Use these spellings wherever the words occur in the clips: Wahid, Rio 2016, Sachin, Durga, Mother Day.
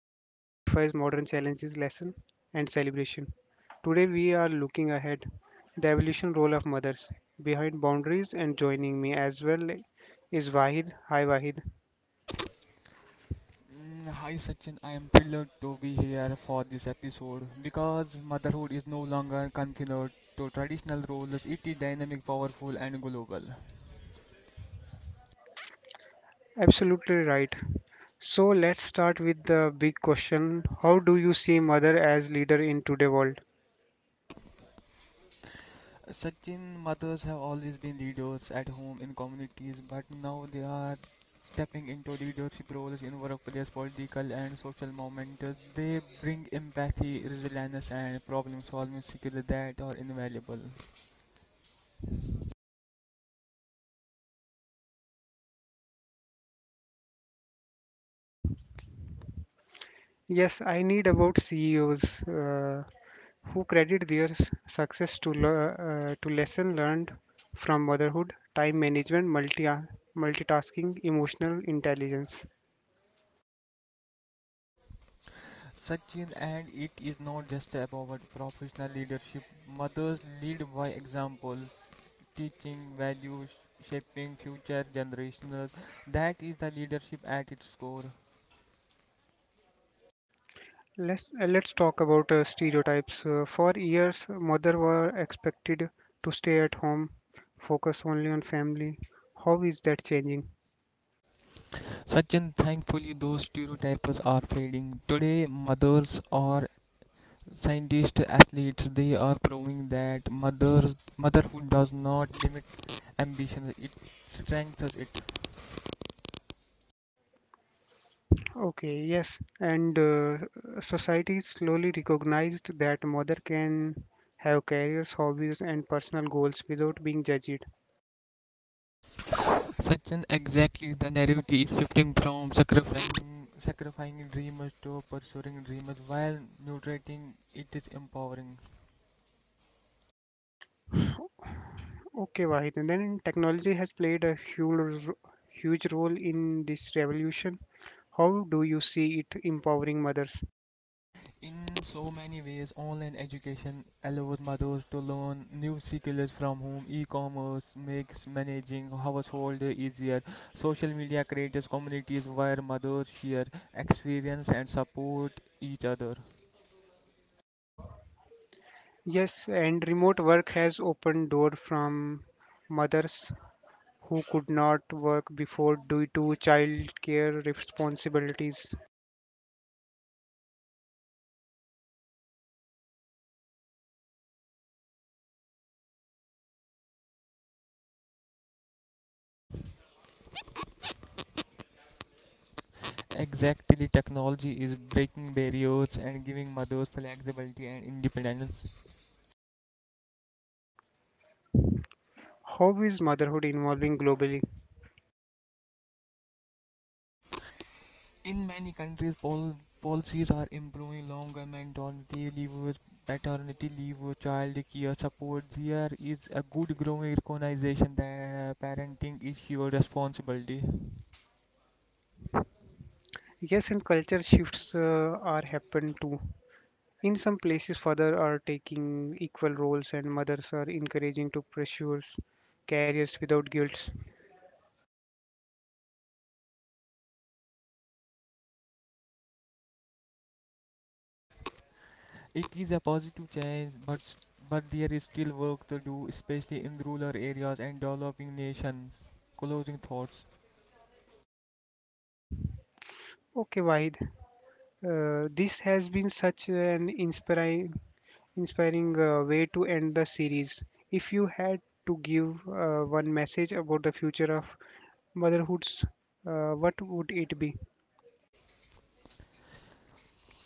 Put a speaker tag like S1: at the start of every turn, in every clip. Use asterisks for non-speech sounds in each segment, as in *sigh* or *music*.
S1: sacrifice, modern challenges, lesson, and celebration. Today we are looking ahead, the evolution role of mothers behind boundaries, and joining me as well is Wahid. Hi Wahid.
S2: Mm, Hi Sachin, I am thrilled to be here for this episode because motherhood is no longer confined to traditional roles. It is dynamic, powerful, and global.
S1: Absolutely right. So let's start with the big question: How do you see mother as leader in today's world?
S2: Sachin, mothers have always been leaders at home in communities, but now they are stepping into leadership roles in workplace, political, and social moments. They bring empathy, resilience, and problem solving skills that are invaluable.
S1: Yes, I need about CEOs uh, who credit their success to to lesson learned from motherhood, time management, multitasking, emotional intelligence.
S2: Sachin, and it is not just about professional leadership. Mothers lead by examples, teaching values, shaping future generations. That is the leadership at its core.
S1: Let's talk about stereotypes. For years, mother were expected to stay at home, focus only on family. How is that changing?
S2: Sachin, thankfully, those stereotypes are fading. Today, mothers are scientists, athletes. They are proving that motherhood does not limit ambition; it strengthens it.
S1: Okay, yes, and society slowly recognized that mother can have careers, hobbies, and personal goals without being judged.
S2: Sachin, exactly, the narrative is shifting from sacrificing dreamers to pursuing dreamers while nutriting it is empowering.
S1: Okay, Wahid, and then technology has played a huge role in this revolution. How do you see it empowering mothers?
S2: In so many ways, online education allows mothers to learn new skills from home. E-commerce makes managing household easier. Social media creates communities where mothers share experience and support each other.
S1: Yes, and remote work has opened door from mothers who could not work before due to child care responsibilities.
S2: Exactly, the technology is breaking barriers and giving mothers flexibility and independence.
S1: How is motherhood evolving globally?
S2: In many countries, policies are improving longer maternity leave, paternity leave, child care support. There is a good growing recognition that parenting is your responsibility.
S1: Yes, and culture shifts are happen too. In some places, fathers are taking equal roles, and mothers are encouraging to pursue careers without guilt.
S2: It is a positive change, but there is still work to do, especially in rural areas and developing nations. Closing thoughts.
S1: Okay, Wahid, this has been such an inspiring way to end the series. If you had to give one message about the future of motherhoods, what would it be?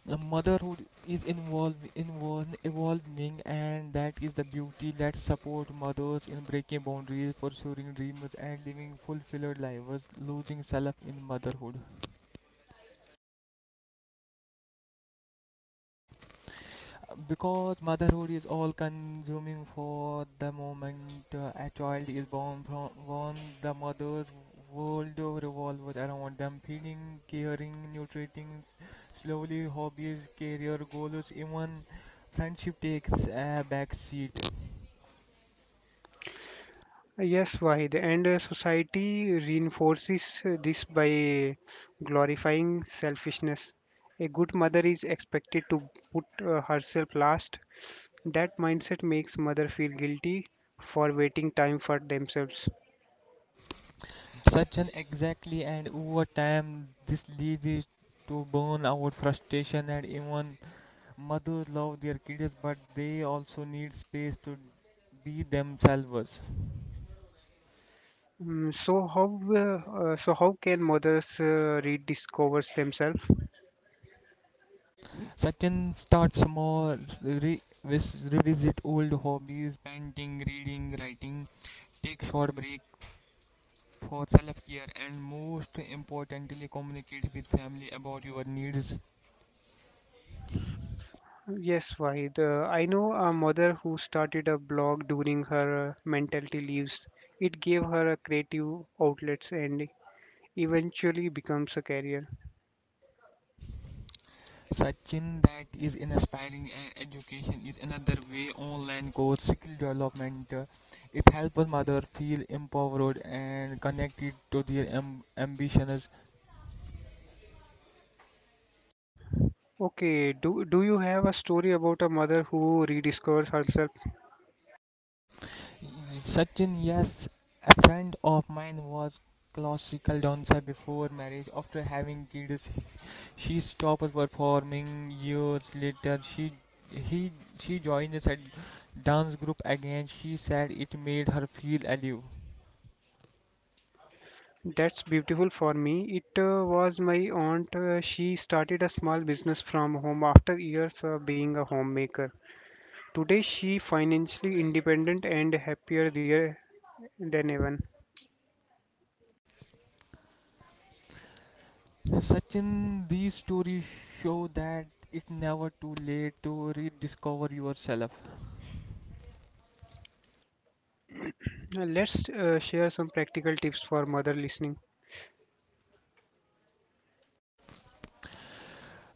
S2: Motherhood is evolving, and that is the beauty that support mothers in breaking boundaries, pursuing dreams, and living fulfilled lives, losing self in motherhood. Because motherhood is all consuming. For the moment a child is born, the mother's world revolves around them, feeding, caring, nutriting. Slowly hobbies, career goals, even friendship takes a back seat.
S1: Yes, Wahid, and society reinforces this by glorifying selfishness. A good mother is expected to put herself last. That mindset makes mother feel guilty for waiting time for themselves.
S2: Such an exactly, and over time, this leads to burnout, frustration, and even mothers love their kids, but they also need space to be themselves.
S1: Mm, so how can mothers rediscover themselves?
S2: Sachin, start small, revisit old hobbies, painting, reading, writing, take short break for self-care, and most importantly, communicate with family about your needs.
S1: Yes, Wahid. I know a mother who started a blog during her mentality leaves. It gave her a creative outlets and eventually becomes a career.
S2: Sachin, that is inspiring, and education is another way. Online course, skill development, it helps a mother feel empowered and connected to their ambitions.
S1: Okay, do you have a story about a mother who rediscovers herself?
S2: Sachin, yes, a friend of mine was classical dancer before marriage. After having kids, she stopped performing years later. He she joined a dance group again. She said it made her feel alive.
S1: That's beautiful for me. It was my aunt. She started a small business from home after years of being a homemaker. Today, she financially independent and happier there than ever.
S2: Sachin, these stories show that it's never too late to rediscover yourself.
S1: Now, let's share some practical tips for mother listening.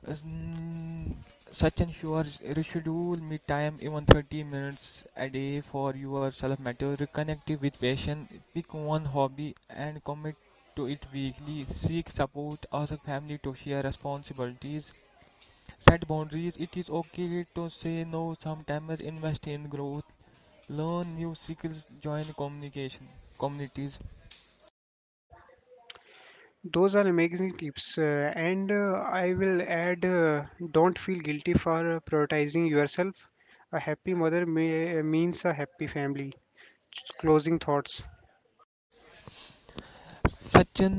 S2: As- mm, Sachin, sure, reschedule me time, even 30 minutes a day for yourself. Matter. Reconnect with passion, pick one hobby and commit to it weekly. Seek support, ask family to share responsibilities, set boundaries. It is okay to say no sometimes. Invest in growth, learn new skills, join communication communities.
S1: Those are amazing tips, and I will add, don't feel guilty for prioritizing yourself. A happy mother means a happy family. Closing thoughts.
S2: Sachin,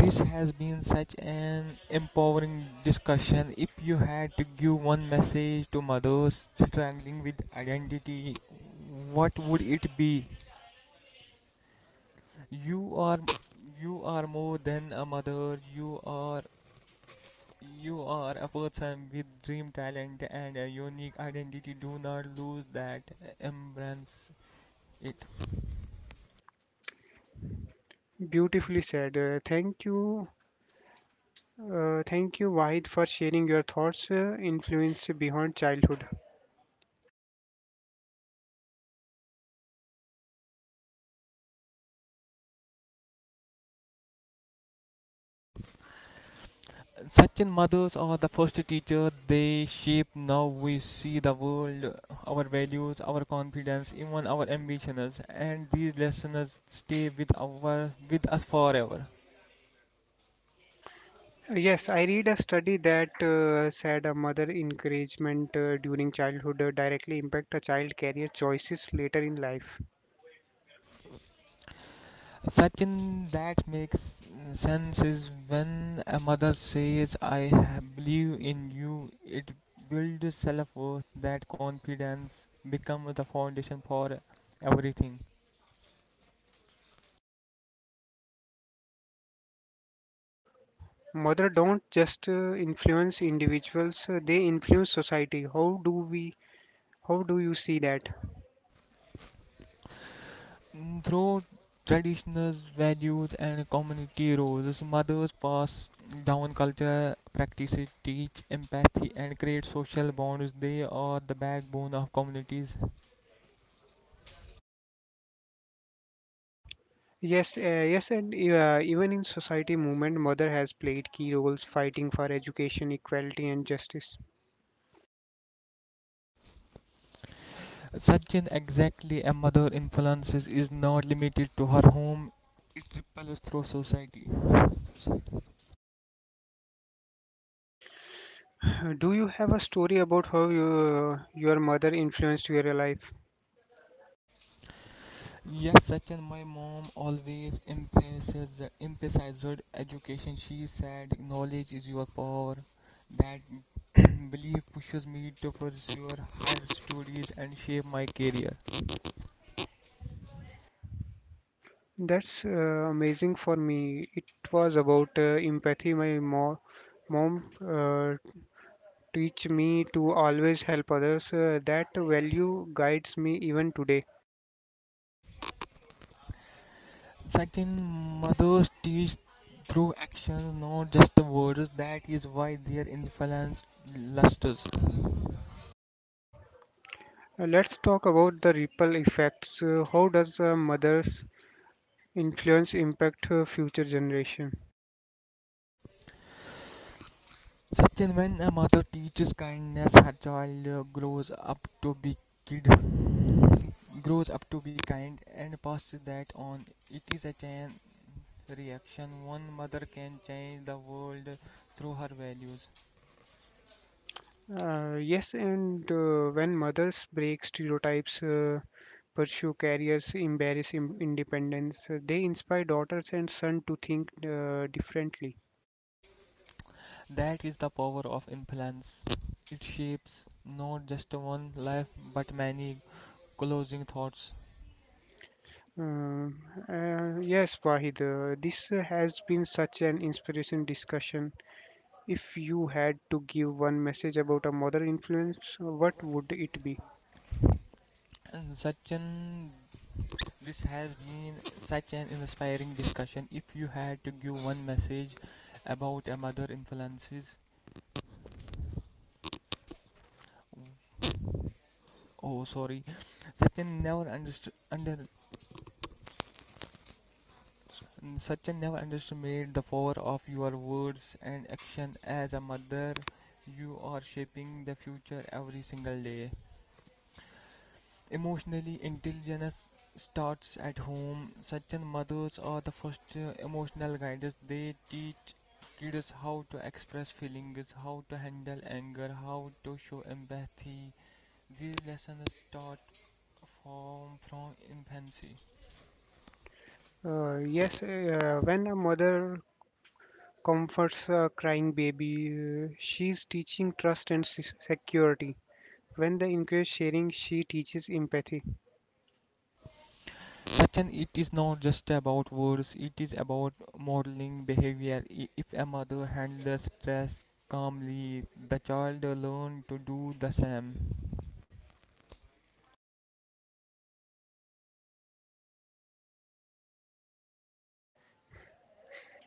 S2: this has been such an empowering discussion. If you had to give one message to mothers struggling with identity, what would it be? You are you are more than a mother. You are a person with dream, talent, and a unique identity. Do not lose that. Embrace it.
S1: Beautifully said. Thank you, Wahid, for sharing your thoughts, influence beyond childhood.
S2: Sachin, mothers are the first teacher. They shape how we see the world, our values, our confidence, even our ambitions, and these lessons stay with us forever.
S1: Yes, I read a study that said a mother encouragement during childhood directly impact a child career choices later in life.
S2: Sachin, that makes sense, is when a mother says, I believe in you", it builds self worth, that confidence becomes the foundation for everything.
S1: Mother don't just influence individuals, they influence society. How do you see that?
S2: Through traditional values and community roles. So, mothers pass down culture, practices, teach empathy, and create social bonds. They are the backbone of communities.
S1: Yes, uh, yes, and even in society movement, mother has played key roles fighting for education, equality, and justice.
S2: Sachin, exactly, a mother influences is not limited to her home; it ripples through society.
S1: *sighs* Do you have a story about your mother influenced your life?
S2: Yes, Sachin, my mom always emphasizes emphasized education. She said, "Knowledge is your power." That *coughs* *clears throat* belief pushes me to pursue higher studies and shape my career.
S1: That's amazing for me. It was about empathy. My mo mom teach me to always help others. That value guides me even today.
S2: Second, mothers teach through actions, not just the words. That is why their influence lusters.
S1: Let's talk about the ripple effects. How does a mother's influence impact her future generation?
S2: Satyan, when a mother teaches kindness, her child kid, grows up to be kind and passes that on. It is a chain reaction. One mother can change the world through her values.
S1: Yes, and when mothers break stereotypes, pursue careers, embrace independence, they inspire daughters and sons to think differently.
S2: That is the power of influence. It shapes not just one life but many. Closing thoughts.
S1: Uh, yes, Wahid, this has been such an inspiration discussion. If you had to give one message about a mother influence, what would it be?
S2: Sachin, this has been such an inspiring discussion. If you had to give one message about a mother influences, oh sorry, Sachin never understood under Sachin, never underestimate the power of your words and action as a mother. You are shaping the future every single day. Emotionally intelligence starts at home. Such, mothers are the first emotional guiders. They teach kids how to express feelings, how to handle anger, how to show empathy. These lessons start from infancy.
S1: Yes, when a mother comforts a crying baby, she's teaching trust and security. When they encourage sharing, she teaches empathy.
S2: Such, it is not just about words, it is about modeling behavior. If a mother handles stress calmly, the child learns to do the same.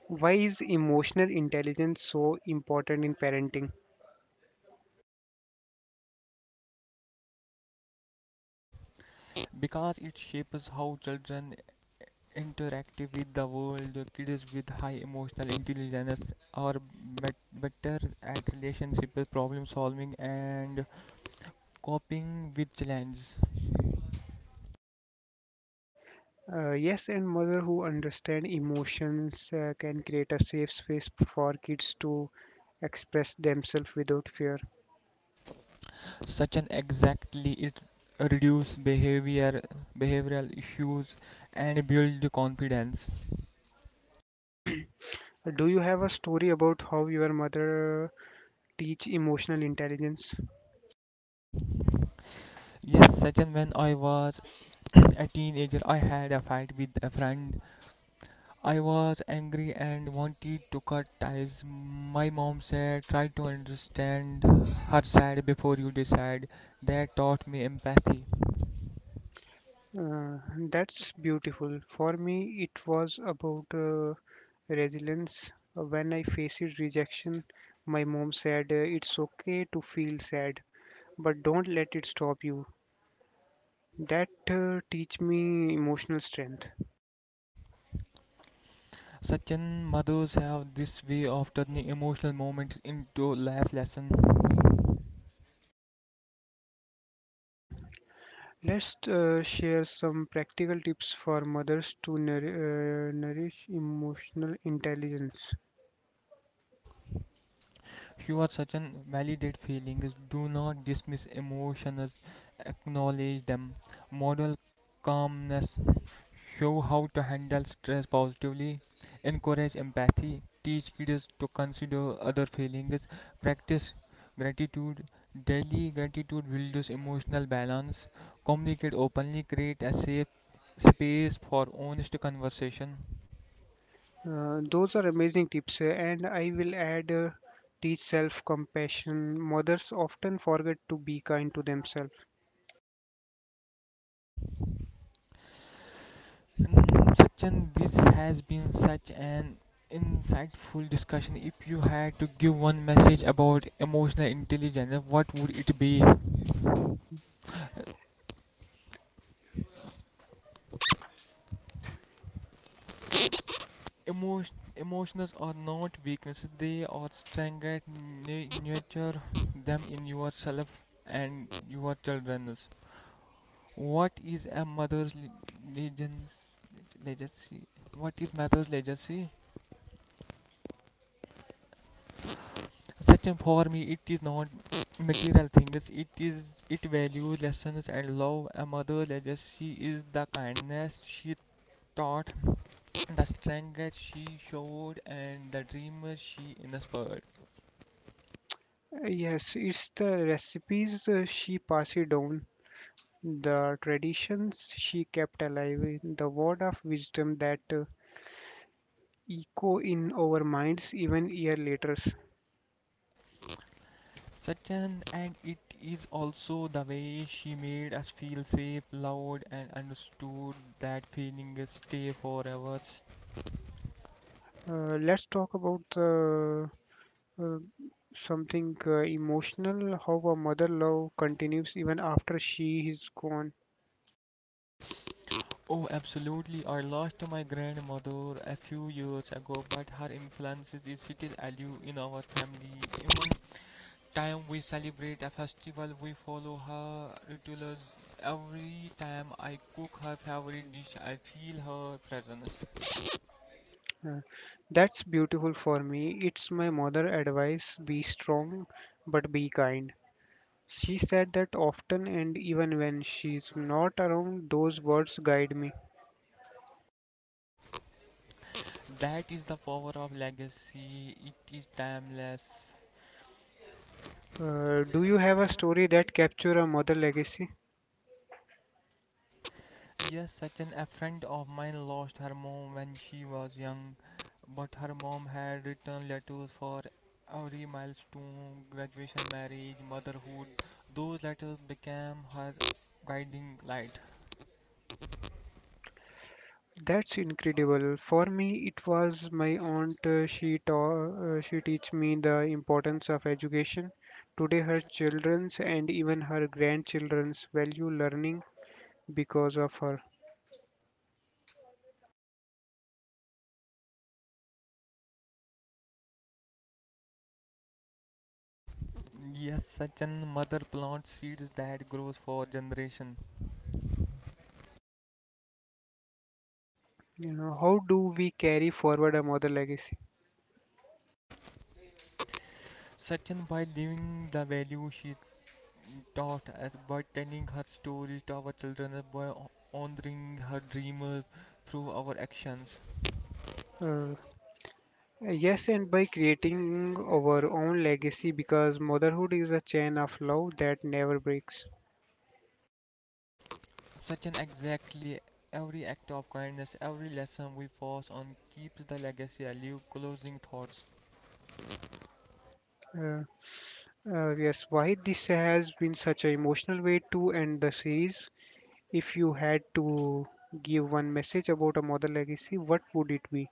S1: Why is emotional intelligence so important in parenting?
S2: Because it shapes how children interact with the world. Kids with high emotional intelligence are better at relationship problem solving and coping with challenges.
S1: Yes, and mother who understand emotions can create a safe space for kids to express themselves without fear.
S2: Such an exactly, it reduce behavioral issues and build confidence.
S1: Do you have a story about how your mother teach emotional intelligence?
S2: Yes, Sachin, when I was *clears throat* a teenager, I had a fight with a friend. I was angry and wanted to cut ties. My mom said, "Try to understand her side before you decide." That taught me empathy.
S1: Uh, that's beautiful. For me, it was about resilience. When I faced rejection, my mom said, "It's okay to feel sad, but don't let it stop you." That teach me emotional strength.
S2: Sachin, mothers have this way of turning emotional moments into life lessons.
S1: Let's share some practical tips for mothers to nourish emotional intelligence.
S2: You are Sachin, validate feelings. Do not dismiss emotions, acknowledge them. Model calmness. Show how to handle stress positively, encourage empathy, teach kids to consider other feelings, practice gratitude. Daily gratitude builds emotional balance. Communicate openly, create a safe space for honest conversation.
S1: Those are amazing tips, and I will add, teach self compassion. Mothers often forget to be kind to themselves.
S2: Sachin, this has been such an insightful discussion. If you had to give one message about emotional intelligence, what would it be? Emotions are not weaknesses, they are strength. That nurture them in yourself and your children. What is a mother's legends- legacy? What is mother's legacy? Such a, for me, it is not material things. It values, lessons, and love. A mother's legacy is the kindness she taught, the strength that she showed, and the dreams she inspired.
S1: Yes, it's the recipes she passed down, the traditions she kept alive, the word of wisdom that echo in our minds even year later.
S2: Second, and it is also the way she made us feel safe, loved, and understood. That feeling is stay forever.
S1: Let's talk about uh, something emotional, how a mother love continues even after she is gone.
S2: Oh, absolutely. I lost my grandmother a few years ago, but her influence is still alive in our family. Even time we celebrate a festival, we follow her rituals. Every time I cook her favorite dish, I feel her presence.
S1: Uh, That's beautiful for me. It's my mother advice be strong but be kind. She said that often, and even when she's not around, those words guide me.
S2: That is the power of legacy. It is timeless.
S1: Do you have a story that capture a mother legacy?
S2: Yes, such an, a friend of mine lost her mom when she was young, but her mom had written letters for every milestone, graduation, marriage, motherhood. Those letters became her guiding light.
S1: That's incredible. For me, it was my aunt. She teach me the importance of education. Today, her children's and even her grandchildren's value learning because of her.
S2: Yes, such an, mother plants seeds that grows for generation.
S1: You know, how do we carry forward our mother legacy?
S2: Such an, by living the value she taught us, by telling her stories to our children, by honoring her dreams through our actions.
S1: Uh, yes, and by creating our own legacy because motherhood is a chain of love that never breaks.
S2: Such an exactly, every act of kindness, every lesson we pass on, keeps the legacy alive. Closing thoughts.
S1: Uh, yes, why this has been such an emotional way to end the series. If you had to give one message about a mother legacy, what would it be?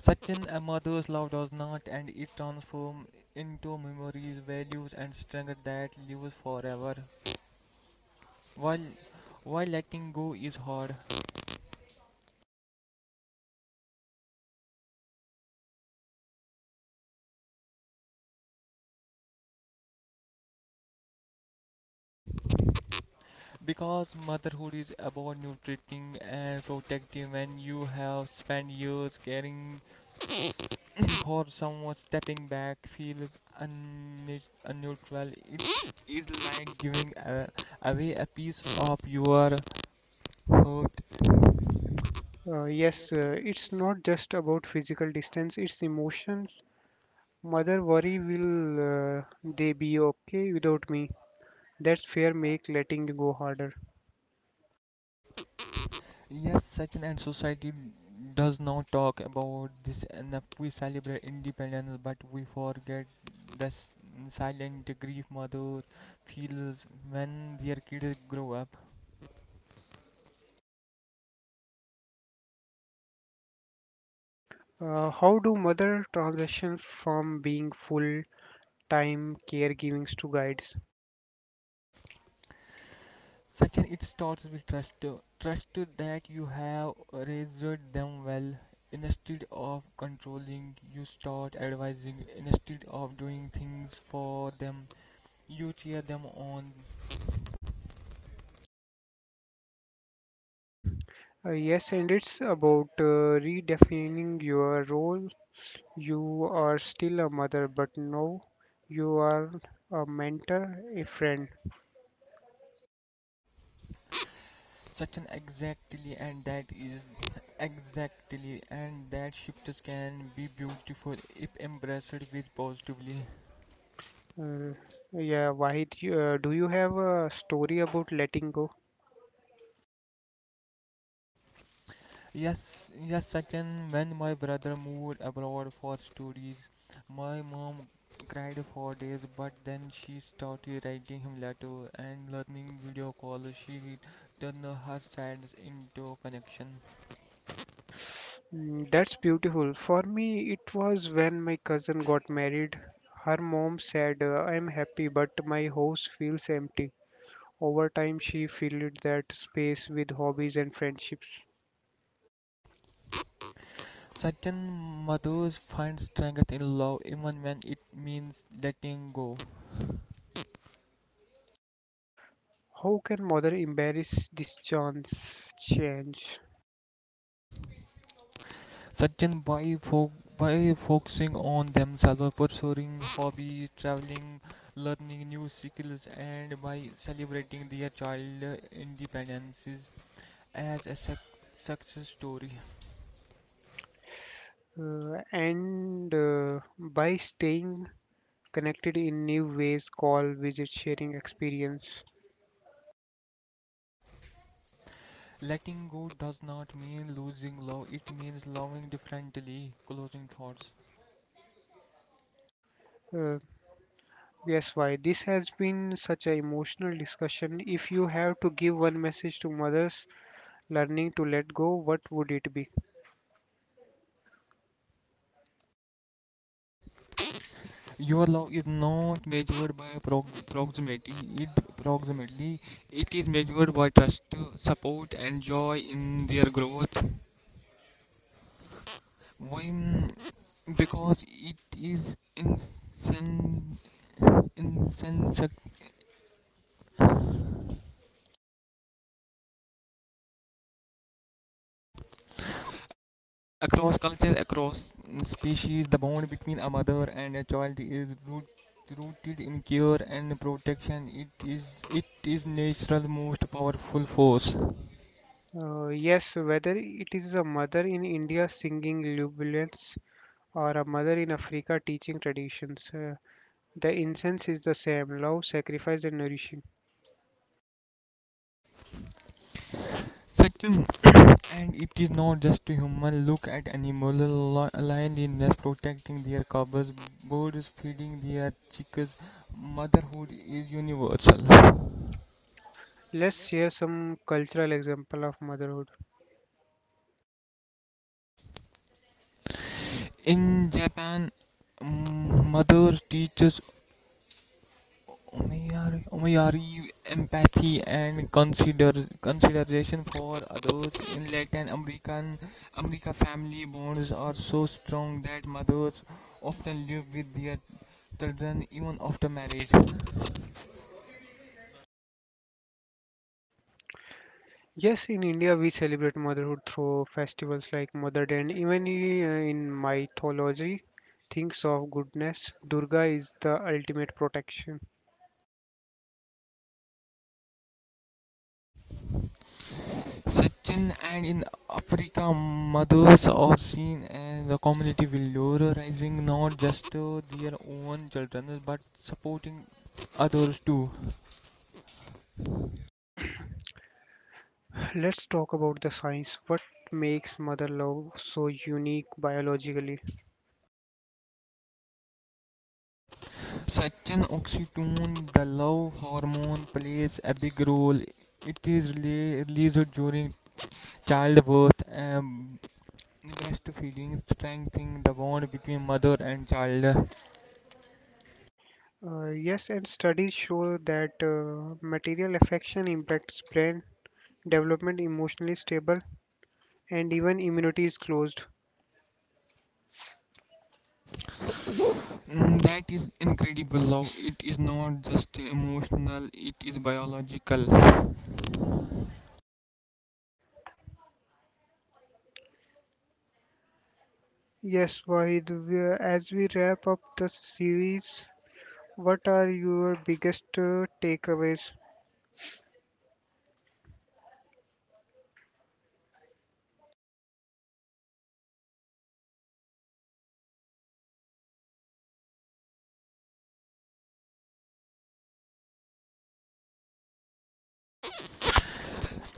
S2: Such an, a mother's love does not and it transforms into memories, values, and strength that lives forever. While while letting go is hard, because motherhood is about nurturing and protecting. When you have spent years caring *coughs* for someone, stepping back feels unnatural. It is like giving away a piece of your heart. Uh,
S1: Uh,
S2: yes,
S1: yes, uh,
S2: uh,
S1: it's not just about physical distance, it's emotions. Mother worry will they be okay without me? That's fear make letting go harder.
S2: Yes, Sachin, and society does not talk about this enough. We celebrate independence, but we forget the s- silent grief mother feels when their kids grow up.
S1: How do mother transition from being full-time caregiving to guides?
S2: Sachin, it starts with trust. Trust that you have raised them well. Instead of controlling, you start advising. Instead of doing things for them, you cheer them on.
S1: Yes, and it's about redefining your role. You are still a mother, but now you are a mentor, a friend.
S2: Such an exactly and that is Exactly, and that shifts can be beautiful if embraced with positively.
S1: Uh, Wahid, do you have a story about letting go?
S2: Yes, yes, Sachin, when my brother moved abroad for studies, my mom cried for days, but then she started writing him letter and learning video calls. She turned her sides into connection.
S1: Mm, that's beautiful. For me, it was when my cousin got married. Her mom said, I'm happy, but my house feels empty. Over time, she filled that space with hobbies and friendships.
S2: Sachin, mothers find strength in love even when it means letting go.
S1: How can mother embrace this chance change
S2: Sachin, by focusing on themselves, pursuing hobbies, traveling, learning new skills, and by celebrating their child independences as a success story.
S1: and by staying connected in new ways, call, visit, sharing experience?
S2: Letting go does not mean losing love, it means loving differently. Closing thoughts.
S1: Uh, yes, why? This has been such an emotional discussion. If you have to give one message to mothers learning to let go, what would it be?
S2: Your love is not measured by proximity. It proximately it is measured by trust, support, and joy in their growth. Why? Because it is insensate. Across culture, across species, the bond between a mother and a child is rooted in care and protection. It is natural most powerful force.
S1: Yes, whether it is a mother in India singing lullabies or a mother in Africa teaching traditions, the incense is the same love, sacrifice, and nourishing.
S2: Section, *coughs* and it is not just human, look at animal. Lion in nest protecting their cubs, birds feeding their chicks, motherhood is universal.
S1: Let's share some cultural example of motherhood.
S2: In Japan, mothers teaches omiyari, empathy and consideration for others. In Latin America, family bonds are so strong that mothers often live with their children even after marriage.
S1: Yes, in India we celebrate motherhood through festivals like Mother Day, and even in mythology, things of goodness. Durga is the ultimate protection.
S2: Sachin, and in Africa, mothers are seen as a community valorizing, not just their own children, but supporting others too.
S1: *coughs* Let's talk about the science. What makes mother love so unique biologically?
S2: Such, oxytocin, the love hormone, plays a big role. It is released during childbirth and breastfeeding, strengthening the bond between mother and child.
S1: Yes, and studies show that material affection impacts brain development, emotionally stable, and even immunity is closed.
S2: That is incredible love. It is not just emotional, it is biological.
S1: Yes, Wahid, we, as we wrap up the series, what are your biggest takeaways?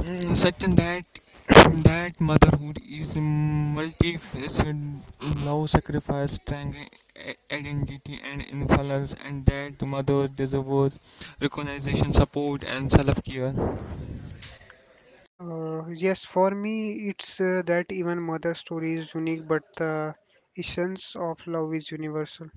S2: Such, and that *coughs* *clears throat* that motherhood is multifaceted: love, sacrifice, strength, identity, and influence, and that mother deserves recognition, support, and self care.
S1: Yes, for me, it's that even mother story is unique, but the essence of love is universal.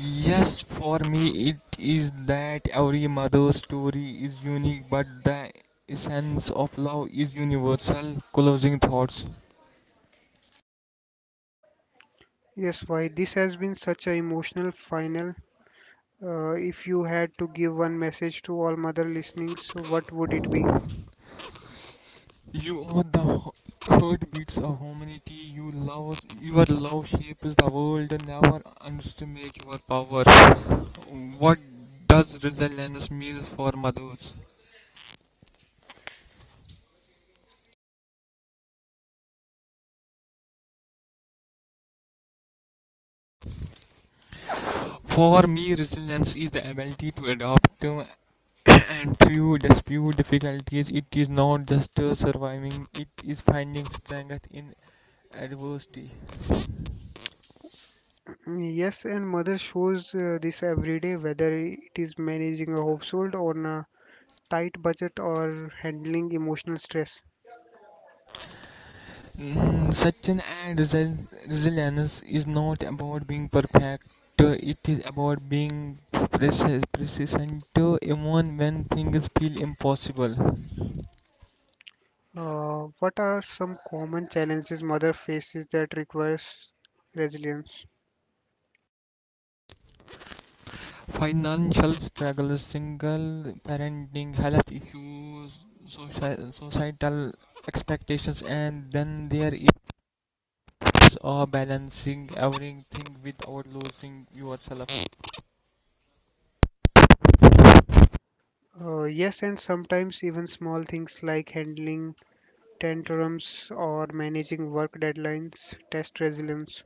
S2: Yes, for me it is that every mother's story is unique, but the essence of love is universal. Closing thoughts.
S1: Yes, why this has been such an emotional final. If you had to give one message to all mother listening, so what would it be?
S2: You are the heartbeats of humanity. You love, your love shapes the world. Never underestimate your power. What does resilience mean for mothers? For me, resilience is the ability to adapt and through the few difficulties. It is not just surviving, it is finding strength in adversity.
S1: Mm, yes, and mother shows this every day, whether it is managing a household on a tight budget or handling emotional stress.
S2: Such an ad, resilience is not about being perfect, it is about being persistent, even when things feel impossible.
S1: What are some common challenges mother faces that requires resilience?
S2: Financial struggles, single parenting, health issues, societal expectations, and then there is it's balancing everything without losing yourself.
S1: Yes, and sometimes even small things like handling tantrums or managing work deadlines test resilience.